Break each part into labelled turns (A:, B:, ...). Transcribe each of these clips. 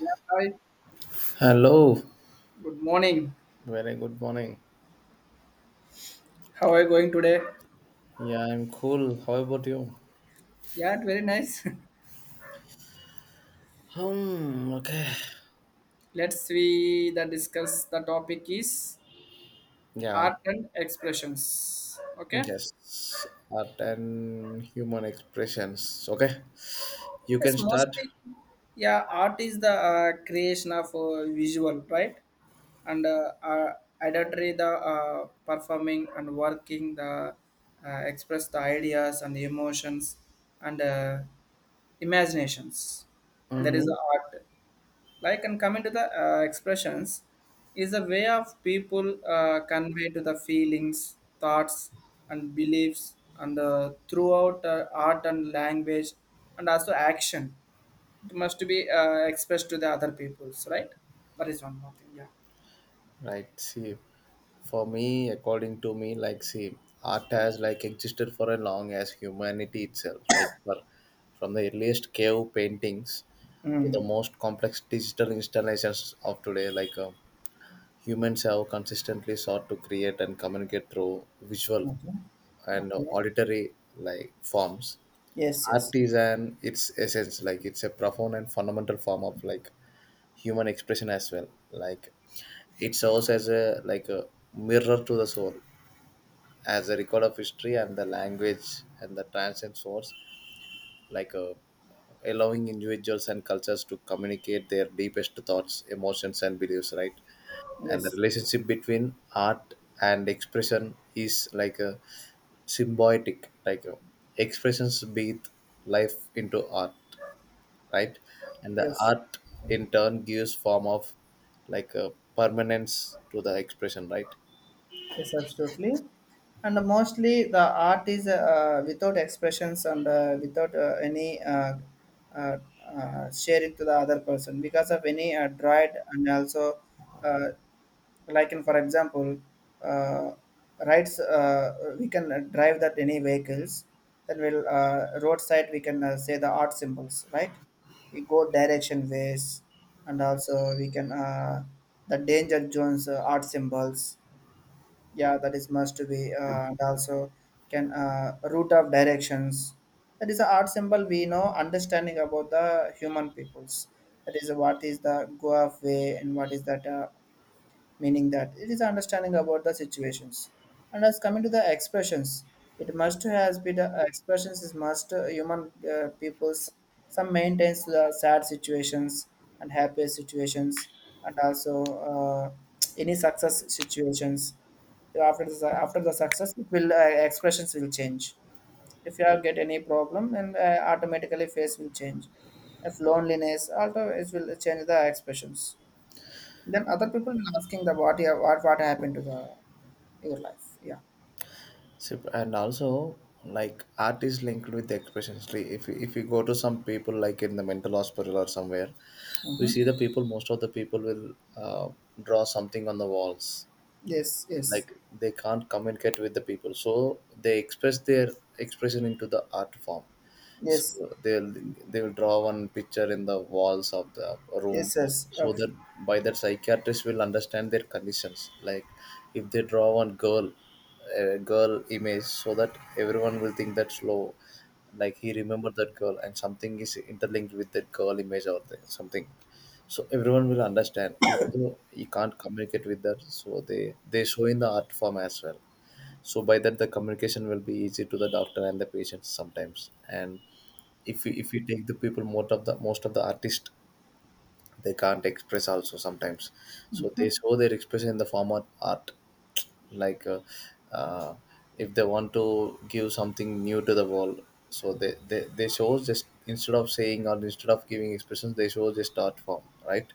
A: Yeah, hi.
B: Hello,
A: Good morning.
B: very good morning.
A: How are you going today?
B: Yeah, I'm cool. How about you?
A: Yeah, it's very nice.
B: Hmm, okay.
A: Let's we the discuss the topic is
B: Yeah,
A: art and expressions. Okay.
B: yes. Art and human expressions. Okay, you
A: Yes,
B: can start.
A: mostly. Yeah, art is the creation of visual, right? And idolatry the performing and working the express the ideas and the emotions and imaginations. That is
B: Mm-hmm.
A: the art. Like and coming to the expressions is a way of people convey to the feelings, thoughts and beliefs and throughout art and language and also action, it must be expressed to the other peoples, right? That is one more thing. Yeah.
B: Right, see, for me, according to me, like, see, art has like existed for as long as humanity itself, like, for from the earliest cave paintings to the
A: Mm.
B: most complex digital installations of today, like. Humans have consistently sought to create and communicate through visual
A: Okay.
B: and
A: Okay.
B: auditory like forms.
A: Yes, yes.
B: Art is an its essence, like it's a profound and fundamental form of like human expression as well. Like it serves as a like a mirror to the soul, as a record of history and the language and the transcend source, like a allowing individuals and cultures to communicate their deepest thoughts, emotions, and beliefs, right? And the
A: Yes.
B: relationship between art and expression is like a symbiotic like expressions breathe life into art, right, and the
A: Yes.
B: art in turn gives form of like a permanence to the expression, right?
A: Yes, absolutely. And mostly the art is without expressions and without any uh, sharing to the other person because of any dried and also uh, like in, for example, uh, rights, we can drive that any vehicles, then we'll roadside we can say the art symbols, right? We go direction ways, and also we can the danger zones art symbols. Yeah, that is must be and also can root of directions. That is a art symbol, we know, understanding about the human peoples. That is what is the goa way and what is that meaning, that it is understanding about the situations. And as coming to the expressions, it must has been the expressions is must human peoples some maintains the sad situations and happy situations and also any success situations. After the success, it will expressions will change. If you have get any problem, and automatically face will change. If loneliness also, it will change the expressions. Then other people will asking the what. Yeah, what happened to the your life. Yeah.
B: So, and also like art is linked with the expressions. Like, if you go to some people like in the mental hospital or somewhere, we
A: Mm-hmm.
B: see the people, most of the people will uh, draw something on the walls,
A: Yes. Yes.
B: like they can't communicate with the people, so they express their expression into the art form. So
A: Yes.
B: they'll they'll draw one picture in the walls of the room
A: Yes. Yes.
B: so
A: Absolutely.
B: that by that, psychiatrist will understand their conditions. Like if they draw one girl, a girl image, so that everyone will think that's low, like he remembered that girl and something is interlinked with that girl image or something. So everyone will understand even though he can't communicate with that, so they show in the art form as well. So by that the communication will be easy to the doctor and the patients sometimes. And if you take the people, most of the artists, they can't express also sometimes, so they show their expression in the form of art. Like uh, if they want to give something new to the world, so they show, just instead of saying or instead of giving expressions, they show just art form, right?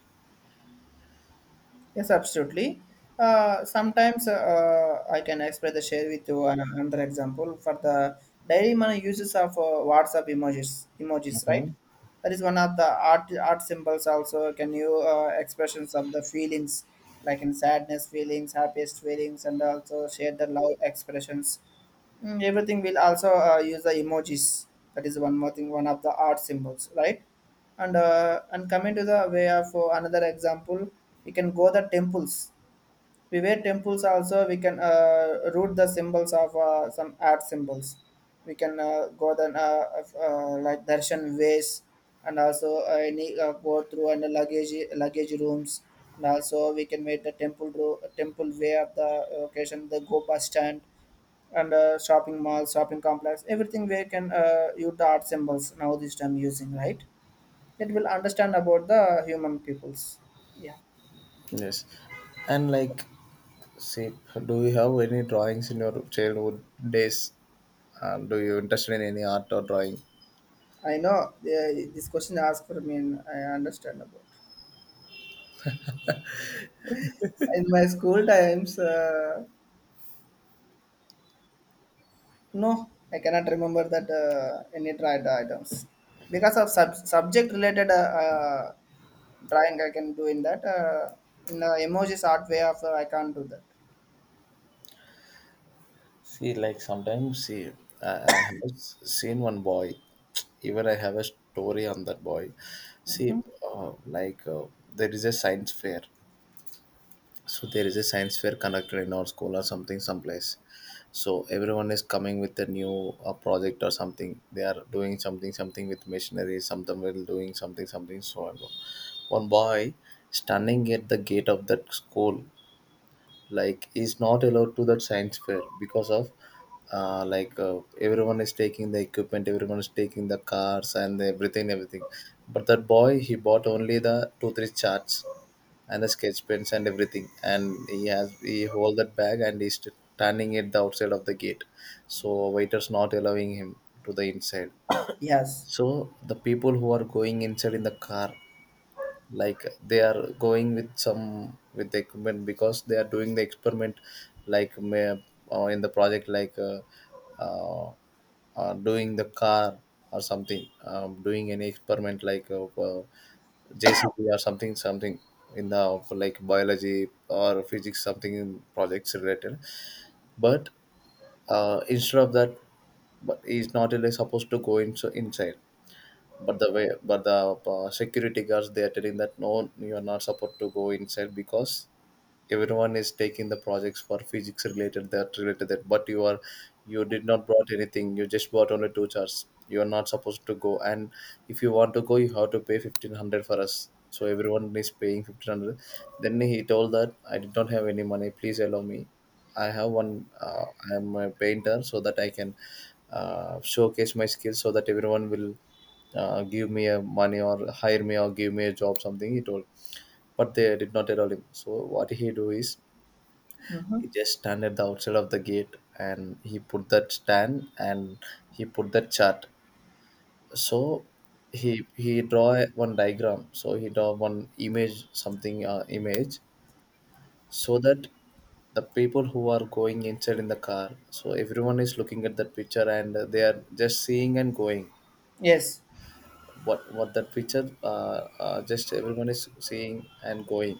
A: Yes. Absolutely. Sometimes I can express the share with you another example for the daily money uses of WhatsApp emojis. Emojis, right?
B: Hmm,
A: That is one of the art symbols. Also, can you expressions of the feelings, like in sadness feelings, happiest feelings, and also share the love expressions. Mm, everything will also use the emojis. That is one more thing, one of the art symbols, right? And coming to the way of another example, we can go the temples. We wear temples also. We can root the symbols of some art symbols. We can go then of, like darshan ways, and also any go through and luggage rooms, and also we can make the temple temple way of the location, the go bus stand and shopping malls, shopping complex, everything where can you the art symbols now this time using, right? It will understand about the human peoples. Yeah,
B: yes. And like, see, do you have any drawings in your childhood days? Do you interested in any art or drawing?
A: I know this question asked for me, and I understand about. In my school times, no, I cannot remember that any tried items because of subject related drawing. I can do in that in the emojis art way of I can't do that.
B: See, like sometimes, see, I, I have seen one boy. Even I have a story on that boy. See, uh, like uh, there is a science fair. So there is a science fair conducted in our school or something, someplace. So everyone is coming with a new project or something. They are doing something, something with machinery. Something will doing something, something. So on. One boy standing at the gate of that school, like, is not allowed to that science fair because of everyone is taking the equipment, everyone is taking the cars and everything, everything. But that boy, he bought only the two three charts and the sketch pens and everything, and he hold that bag and he's standing at the outside of the gate. So waiters not allowing him to the inside.
A: Yes.
B: So the people who are going inside in the car, like they are going with some with the equipment because they are doing the experiment. Like, may, in the project, like uh, doing the car or something, doing any experiment like jcb or something, something. In the like biology or physics something in projects related. But instead of that, but he's not really supposed to go in, so inside. But the way but the security guards, they are telling that no, you are not supposed to go inside because everyone is taking the projects for physics related, that related that, but you, are you did not brought anything, you just brought only two charts, you are not supposed to go. And if you want to go, you have to pay 1500 for us. So everyone is paying 1500. Then he told that, I did not have any money, please allow me. I have one, uh, I am a painter, so that I can showcase my skills, so that everyone will give me a money or hire me or give me a job, something, he told. But they did not allow him. So what he do is,
A: Mm-hmm.
B: he just stand at the outside of the gate and he put that stand, and he put that chart. So he draw one diagram, so he draw one image, something, image, so that the people who are going inside in the car, so everyone is looking at that picture and they are just seeing and going,
A: Yes.
B: what that picture, just everyone is seeing and going.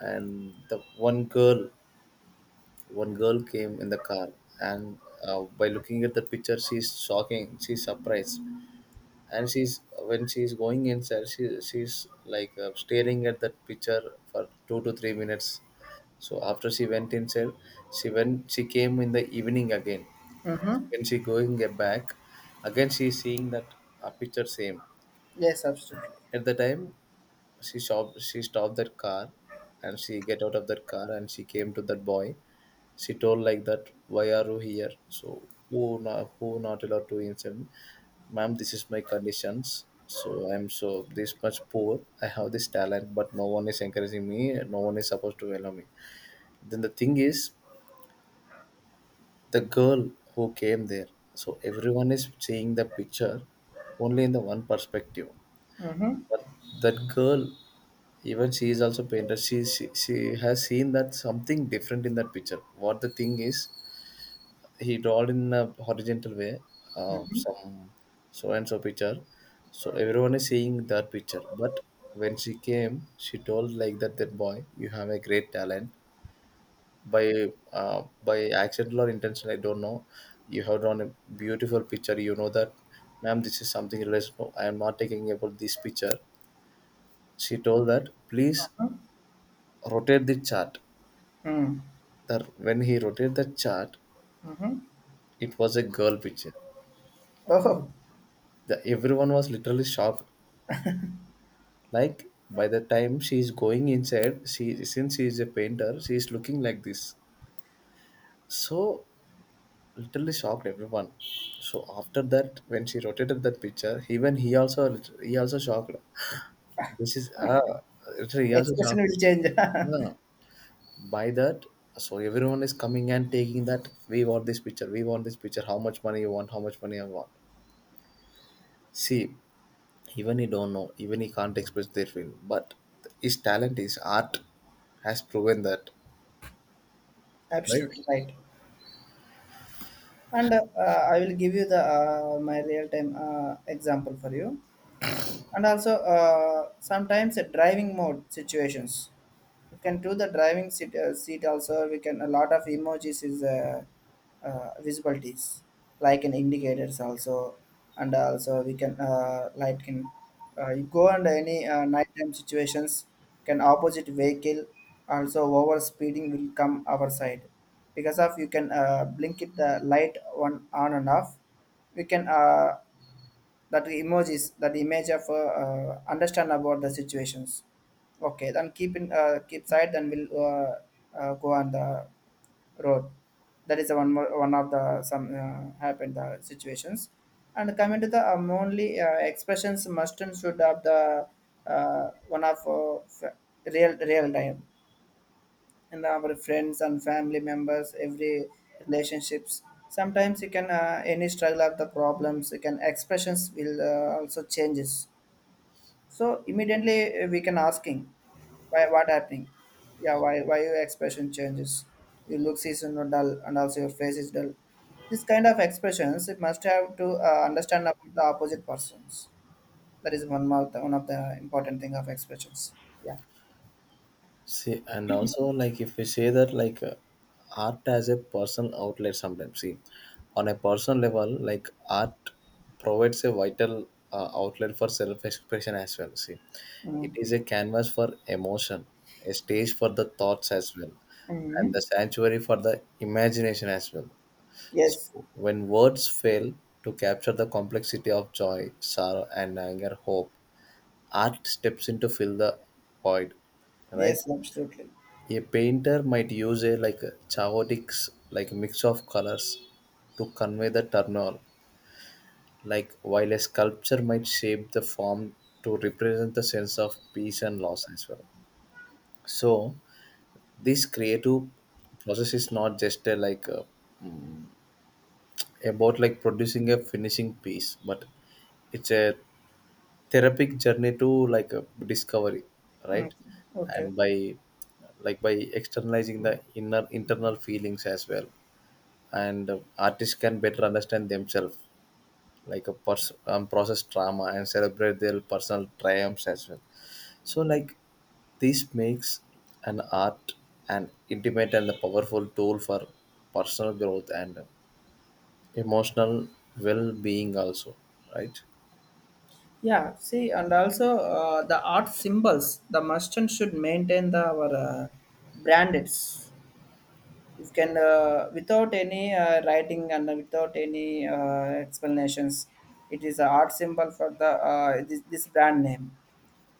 B: And the one girl came in the car. And by looking at the picture, she's shocking, she's surprised. And she's, when she's going inside, she's like staring at that picture for 2 to 3 minutes. So after she went inside, she came in the evening again. When she going back, again she's seeing that picture same.
A: Yes, absolutely.
B: At the time she stopped that car, and she get out of that car and she came to that boy. She told like that, why are you here? So who not, who not allowed, to insult me. Ma'am, this is my conditions, so I'm so this much poor, I have this talent but no one is encouraging me, no one is supposed to allow me. Then the thing is, the girl who came there, so everyone is seeing the picture only in the one perspective.
A: Mm-hmm.
B: But that girl, even she is also painter, she has seen that something different in that picture. What the thing is, he drawed in a horizontal way some, so and so picture. So everyone is seeing that picture, but when she came she told like that, that boy, you have a great talent. By by accidental or intention, I don't know, you have drawn a beautiful picture, you know that? Ma'am, this is something related. No, I am not taking about this picture. She told that, please rotate the chart.
A: Hmm.
B: The When he rotated the chart, it was a girl picture.
A: Oh,
B: The Everyone was literally shocked. Like by the time she is going inside, she, since she is a painter, she is looking like this. So literally shocked everyone. So after that, when she rotated that picture, even he also, shocked. This is, ah, literally he also
A: expression
B: shocked.
A: will change.
B: Yeah. By that, so everyone is coming and taking that. We want this picture. We want this picture. How much money you want? How much money I want? See, even he don't know, even he can't express their feeling, but his talent, his art has proven that, right?
A: Absolutely right. And I will give you the my real time example for you. And also sometimes a driving mode situations, we can do the driving seat, seat also we can a lot of emojis is visibilities, like an indicators also. And also we can light can you go under any nighttime situations, can opposite vehicle, also over speeding will come our side, because of you can blink it the light on and off. We can that emojis that image of understand about the situations. Okay, then keep in keep side, then we'll go on the road. That is one more, one of the some happened the situations. And coming to the only expressions must and should have the one of real time, and our friends and family members, every relationships. Sometimes you can any struggle of the problems, you can expressions will also changes. So immediately we can asking why what happening. Yeah, why your expression changes. Your looks is, dull, and also your face is dull. This kind of expressions it must have to understand about the opposite persons. That is one more, one of the important thing of expressions. Yeah.
B: See, and also like if we say that like art as a personal outlet sometimes. See, on a personal level, like art provides a vital outlet for self-expression as well, see.
A: Mm.
B: It is a canvas for emotion, a stage for the thoughts as well, and the
A: Mm.
B: sanctuary for the imagination as well.
A: Yes.
B: When words fail to capture the complexity of joy, sorrow, and anger, hope, art steps in to fill the void, right?
A: Yes, absolutely.
B: A painter might use a like chaotic like mix of colors to convey the turmoil, like, while a sculpture might shape the form to represent the sense of peace and loss as well. So this creative process is not just about producing a finishing piece, but it's a therapeutic journey to like a discovery,
A: Mm,
B: right?
A: okay.
B: And by externalizing the inner internal feelings as well, and artists can better understand themselves, process trauma and celebrate their personal triumphs as well. So this makes an art an intimate and a powerful tool for personal growth and emotional well-being also, right?
A: Yeah. See, and also the art symbols. The merchant should maintain the our branded. You can without any writing and without any explanations. It is a art symbol for the this brand name.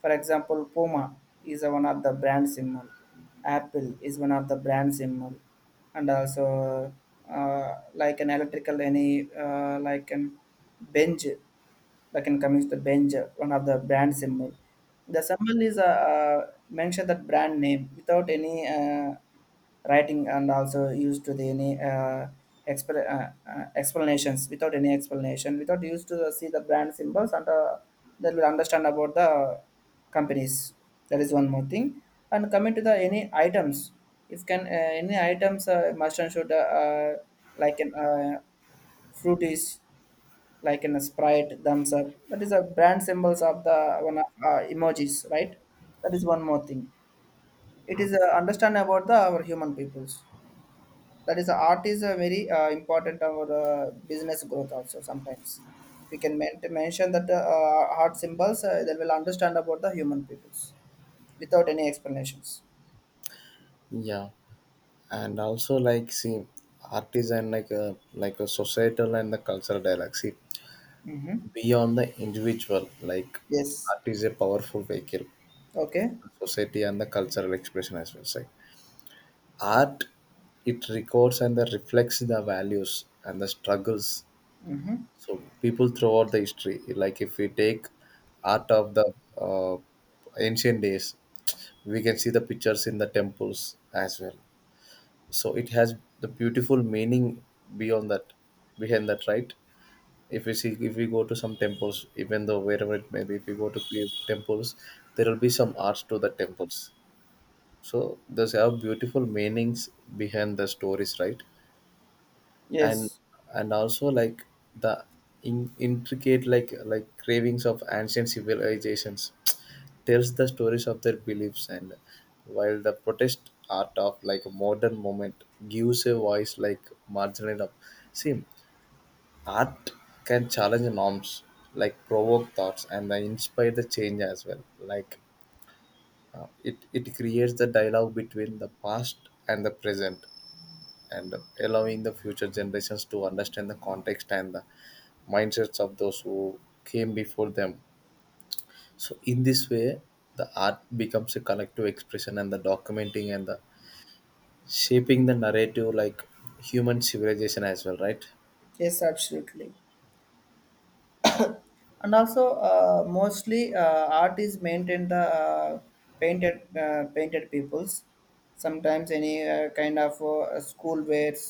A: For example, Puma is one of the brand symbol. Apple is one of the brand symbol. And also like an electrical any like an bench, like in coming to the bench, one of the brand symbol. The symbol is mention that brand name without any writing and also used to the any exp- uh, explanations. Without any explanation, without used to see the brand symbols, and that will understand about the companies. That is one more thing. And coming to the any items, if can any items must and should like an fruities, like in a Sprite, thumbs up, that is a brand symbols of the one of, emojis, right? That is one more thing. It is understand about the our human peoples. That is art is a very important our business growth also. Sometimes we can mention that art symbols, they will understand about the human peoples without any explanations.
B: Yeah, and also like see art is an like a societal and the cultural dialogue, see,
A: Mm-hmm.
B: beyond the individual.
A: Yes.
B: Art is a powerful vehicle
A: Okay.
B: for society and the cultural expression as well. Say, art, it records and the reflects the values and the struggles,
A: Mm-hmm.
B: so people throughout the history, like if we take art of the uh, ancient days, we can see the pictures in the temples as well. So it has the beautiful meaning beyond that, behind that, right? If we see, if we go to some temples, even though wherever it may be, if we go to temples, there will be some arts to the temples. So there's have beautiful meanings behind the stories, right? and
A: Yes.
B: and also, like, the intricate like cravings of ancient civilizations tells the stories of their beliefs, and while the protest art of like a modern moment gives a voice like marginal up. See, art can challenge norms, like provoke thoughts and then inspire the change as well. Like, it creates the dialogue between the past and the present, and allowing the future generations to understand the context and the mindsets of those who came before them. So in this way, the art becomes a collective expression and the documenting and the shaping the narrative, like human civilization as well, right?
A: Yes, absolutely. And also mostly art is maintained the painted painted peoples. Sometimes any kind of school wears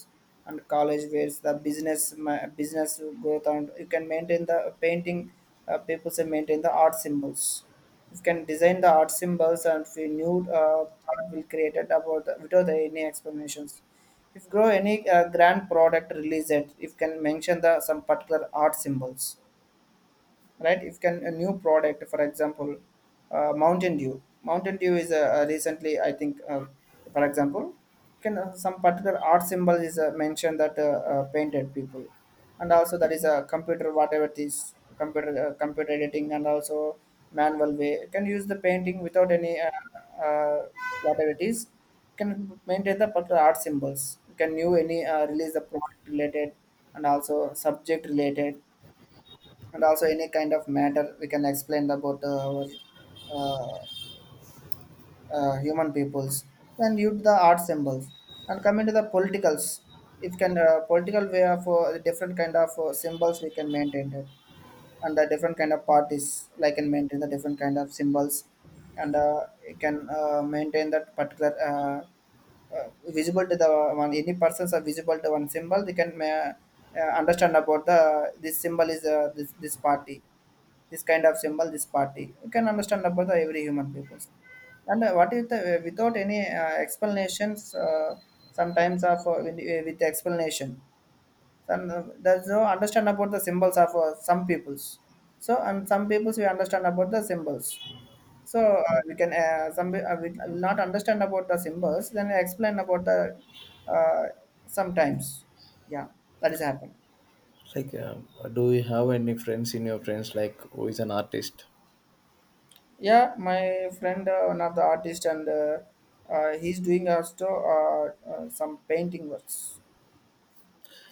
A: and college wears, the business business growth, and you can maintain the painting peoples and maintain the art symbols. You can design the art symbols, and we new art will created about the, without any explanations. If grow any grand product released, if can mention the some particular art symbols, right? If can a new product, for example, Mountain Dew is a recently I think for example can some particular art symbol is mentioned that painted people. And also that is a computer, whatever it is, computer computer editing, and also manual way you can use the painting without any uh, whatever it is, can maintain the particular art symbols. You can new any release the product related and also subject related and also any kind of matter, we can explain about our uh, human peoples, then use the art symbols. And coming to the politicals, if can political way of different kind of symbols, we can maintain it. And the different kind of parties like can maintain the different kind of symbols. And it can maintain that particular visible to the one, any persons are visible to one symbol, they can understand about the, this symbol is this party. This kind of symbol, this party. You can understand about the every human peoples. And what if the, without any explanations, sometimes of with explanation, and there's no understand about the symbols of some peoples. So and some peoples we understand about the symbols. So we can we will not understand about the symbols, then explain about the uh, sometimes. Yeah, that is happening.
B: Like, um, do you have any friends in your friends like who is an artist?
A: Yeah, my friend, one of the artist, and he's doing also some painting works.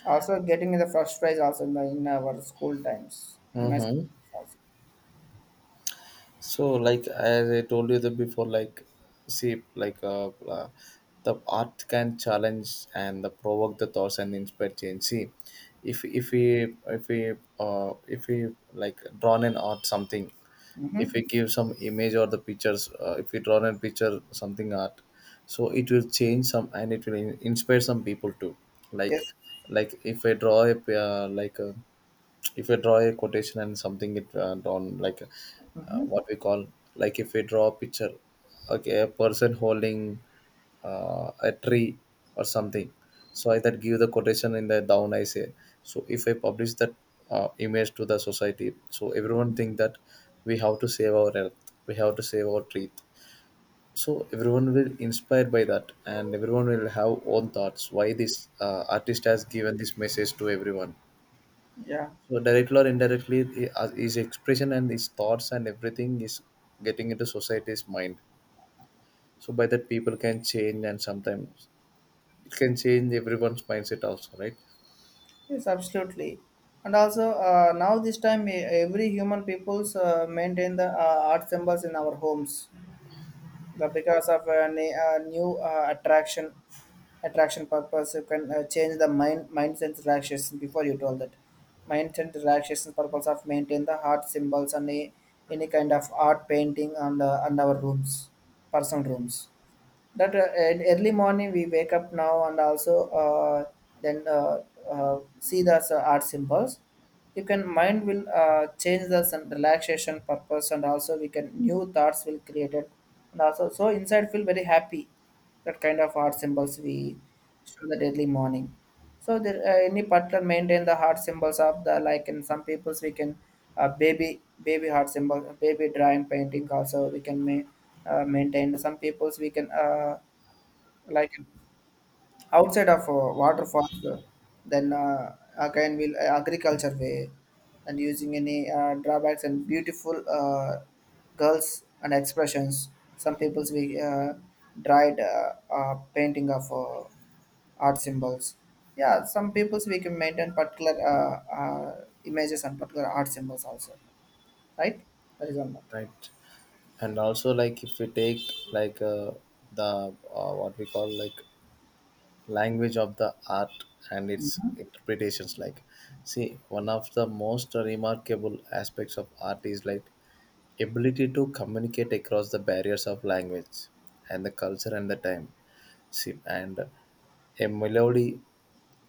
A: Also, getting the first prize also in, the, in our school times, in my school
B: Mm-hmm.
A: times also.
B: So, like as I told you the before, like, see, the art can challenge and the provoke the thoughts and inspire change. See, if we like drawn an art something, if
A: Mm-hmm.
B: we give some image or the pictures, if we draw a picture something art, so it will change some and it will inspire some people too, like
A: Yes.
B: like if I draw a p- like a if we draw a quotation and something, it drawn
A: Mm-hmm.
B: what we call, like if we draw a picture, okay, a person holding a tree or something. So I that give the quotation in the down, I say, so if I publish that image to the society, so everyone think that we have to save our earth, we have to save our tree. So everyone will inspired by that, and everyone will have own thoughts why this artist has given this message to everyone.
A: Yeah.
B: So directly or indirectly, as his expression and his thoughts and everything is getting into society's mind. So by that, people can change, and sometimes it can change everyone's mindset also, right?
A: Yes, absolutely. And also, now this time, every human peoples maintain the art symbols in our homes. The because of a, a new attraction purpose, you can change the mind sense relaxation. Before you told that mind sense relaxation purpose of maintain the heart symbols and a, any kind of art painting on our rooms, personal rooms. That in early morning we wake up now, and also then see the art symbols. You can mind will change the some relaxation purpose, and also we can new thoughts will created, and also so inside feel very happy. That kind of heart symbols we show the daily morning. So there any particular maintain the heart symbols of the like in some peoples we can baby heart symbol baby drawing painting also we can maintain some peoples we can like outside of waterfalls then again we'll agriculture way and using any drawbacks and beautiful girls and expressions some people's we dried painting of art symbols. Yeah, some people's we can maintain particular images and particular art symbols also, right? That is one more thing.
B: Right. And also, like if we take like uh, the what we call, like, language of the art and its interpretations. Like, see, one of the most remarkable aspects of art is like ability to communicate across the barriers of language and the culture and the time. Sim, and a melody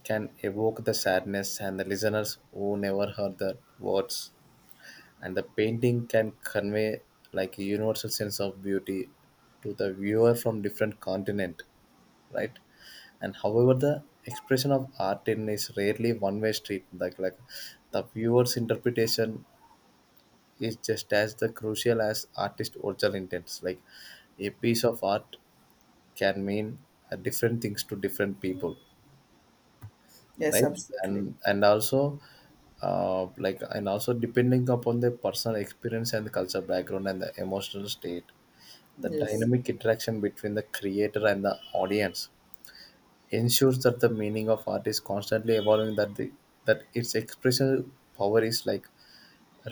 B: can evoke the sadness and the listeners who never heard the words, and the painting can convey like a universal sense of beauty to the viewer from different continent, right? And however the expression of art in is rarely one way street. Like the viewer's interpretation is just as the crucial as artist original intents. Like a piece of art can mean different things to different people,
A: Yes,
B: right? and
A: absolutely.
B: and also, like, and also depending upon the personal experience and the culture background and the emotional state, the
A: Yes.
B: dynamic interaction between the creator and the audience ensures that the meaning of art is constantly evolving, that the that its expression power is like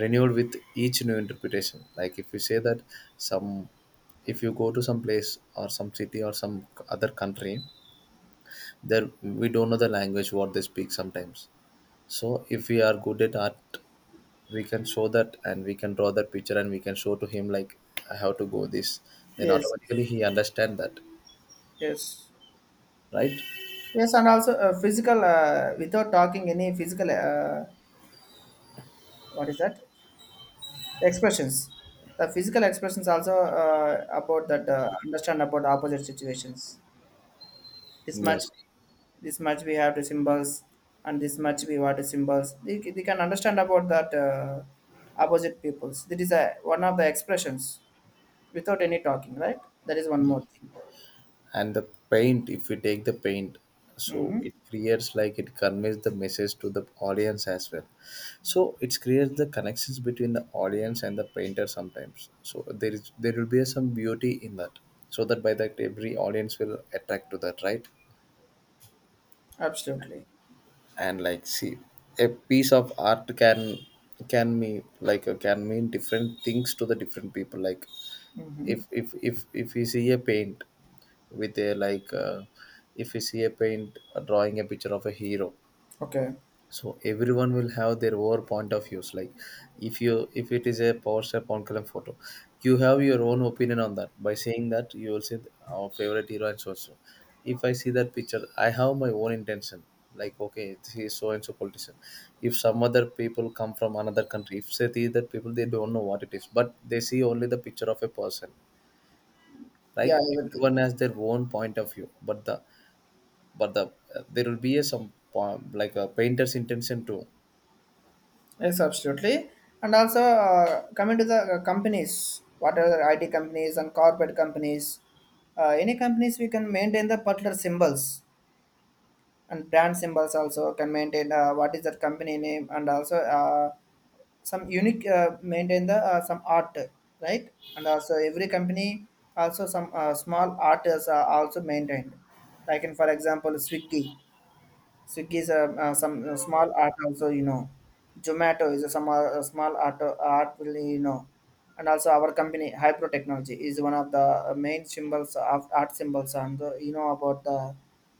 B: renewed with each new interpretation. Like if you say that, some, if you go to some place or some city or some other country, there we don't know the language what they speak sometimes. So if we are good at art, we can show that, and we can draw that picture, and we can show to him like I have to go this. Then
A: Yes.
B: automatically he understand that,
A: Yes.
B: right?
A: Yes, and also physical, without talking any physical, what is that? Expressions. The physical expressions also about that understand about opposite situations. This much,
B: Yes.
A: this much we have to symbols, and this much we want to symbols. They can understand about that opposite peoples. That is a, one of the expressions without any talking, right? That is one more
B: Yes.
A: thing.
B: And the paint, if we take the paint, so
A: Mm-hmm.
B: it creates, like it conveys the message to the audience as well. So it creates the connections between the audience and the painter sometimes. So there is, there will be some beauty in that. So that by that every audience will attract to that, right?
A: Absolutely.
B: And like see, a piece of art can mean can mean different things to the different people. Like,
A: Mm-hmm.
B: if you see a paint with a if you see a paint, drawing a picture of a hero,
A: Okay.
B: so everyone will have their own point of views. Like if you, if it is a PowerShell on column photo, you have your own opinion on that. By saying that, you will say our favorite hero and so and so. If I see that picture, I have my own intention. Like, okay, this is so and so politician. If some other people come from another country, if they see that people, they don't know what it is, but they see only the picture of a person.
A: Yeah,
B: Like,
A: everything.
B: everyone has their own point of view, but the, but the, there will be a some point, like a painter's intention too.
A: Yes, absolutely. And also, coming to the companies, what are the IT companies and corporate companies, any companies we can maintain the particular symbols and brand symbols also can maintain what is that company name and also some unique maintain the some art, right? And also every company also some small art is also maintained. Like in, for example, Swiggy. Swiggy is a, some small art also, you know. Zomato is a some small art, art will, you know. And also our company, Hypro Technology, is one of the main symbols of art symbols. And you know about the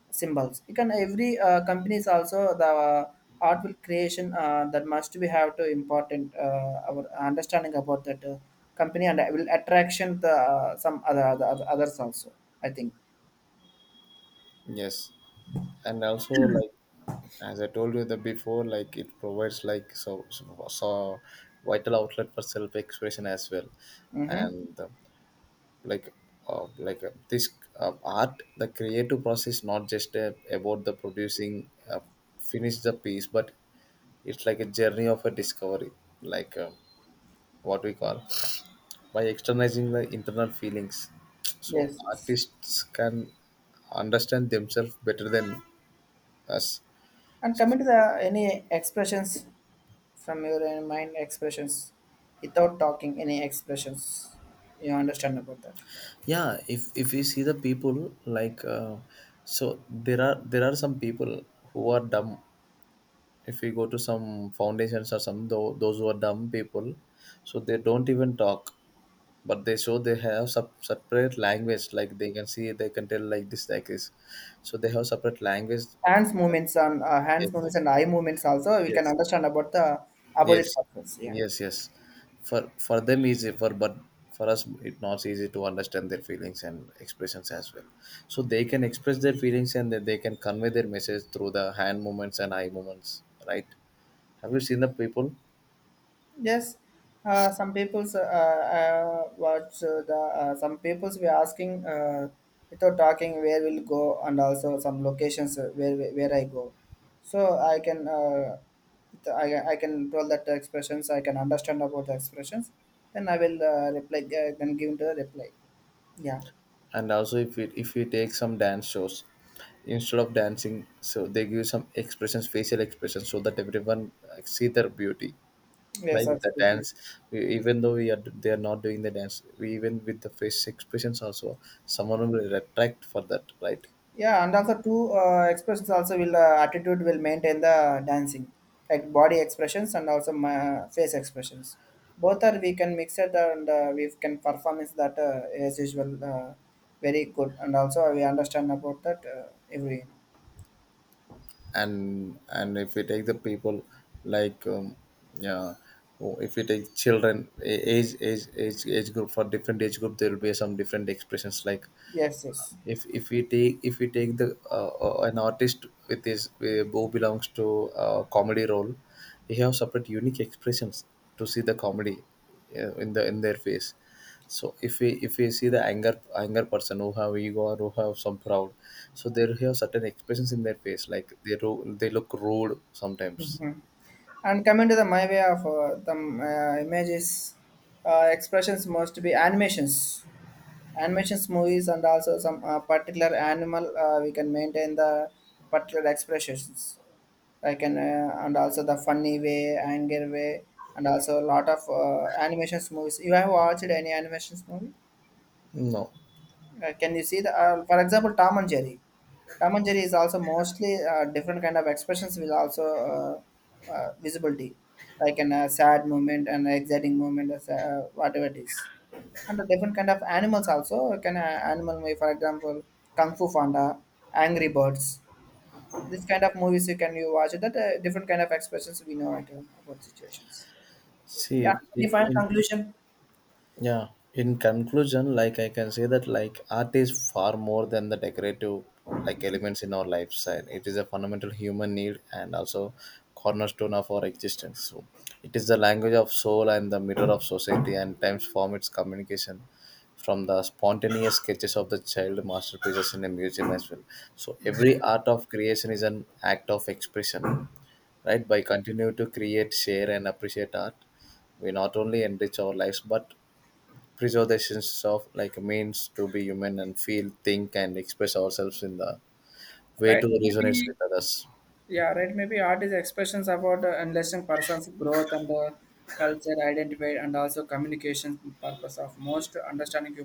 A: symbols. You can every company is also the art will creation that must be have to important our understanding about that company and will attraction the some other others also. I think.
B: Yes. And also, like as I told you the before, like it provides like so vital outlet for self-expression as well.
A: Mm-hmm.
B: And like like this art the creative process not just about the producing finish the piece, but it's like a journey of a discovery, like uh, what we call, by externalizing the internal feelings. So
A: Yes. Yes.
B: artists can understand themselves better than us.
A: And coming to the any expressions from your mind expressions without talking any expressions, you understand about that.
B: Yeah, if we see the people, so there are some people who are dumb. If we go to some foundations or some those who are dumb people, so they don't even talk, but they show, they have separate language, like they can see, they can tell like this, like this. So they have separate language.
A: Hands movements and
B: Yes,
A: eye movements also we can
B: yes.
A: understand about the
B: Yes,
A: opposite persons. Yeah.
B: yes, yes. For them easy, for, but for us it not easy to understand their feelings and expressions as well. So they can express their feelings, and then they can convey their message through the hand movements and eye movements, right? Have you seen the people?
A: Yes, some people's watch the some people's were asking without talking where we'll go and also some locations where I go. So I can I can tell that the expressions I can understand about the expressions. Then I will reply then give the reply. Yeah.
B: And also if we, if we take some dance shows, instead of dancing, so they give some expressions, facial expressions, so that everyone see their beauty,
A: Yes,
B: like the dance.
A: absolutely.
B: We, even though we are, they are not doing the dance, we even with the face expressions also, someone will retract for that, right?
A: Yeah, and also two expressions also will attitude will maintain the dancing, like body expressions and also my face expressions. Both are we can mix it and we can perform is that as usual very good and also we understand about that every.
B: And if we take the people, like um, yeah, or if we take children, age group, for different age group there will be some different expressions. Like
A: Yes, yes.
B: if we take the an artist with his who belongs to a comedy role, they have separate unique expressions to see the comedy in the, in their face. So if we, if we see the anger person who have ego or who have some proud, so they have certain expressions in their face, like they they look rude sometimes.
A: Mhm. And coming to the my way of the images, expressions must be animations movies and also some particular animal we can maintain the particular expressions, like an and also the funny way anger way, and also a lot of animations movies. You have watched any animations movie?
B: No.
A: Can you see the, for example, Tom and Jerry? Tom and Jerry is also mostly different kind of expressions will also visibility, like an sad moment and exciting moment as whatever it is. And the different kind of animals also can animal movie, for example, Kung Fu Panda, Angry Birds. This kind of movies you can you watch it, that different kind of expressions we know it about situations. Yeah,
B: see
A: any final
B: in,
A: conclusion?
B: Yeah, in conclusion, like I can say that like art is far more than the decorative like elements in our lifestyle. It is a fundamental human need and also cornerstone of our existence. So it is the language of soul and the mirror of society and times form its communication, from the spontaneous sketches of the child masterpieces in a museum as well. So every art of creation is an act of expression, right? By continue to create, share and appreciate art, we not only enrich our lives but preservations of like means to be human and feel, think, and express ourselves in the way to
A: Right. Maybe.
B: resonates with others.
A: Yeah, right. Maybe art is expressions about enlisting person's growth and culture, identity, and also communication purpose of most understanding human.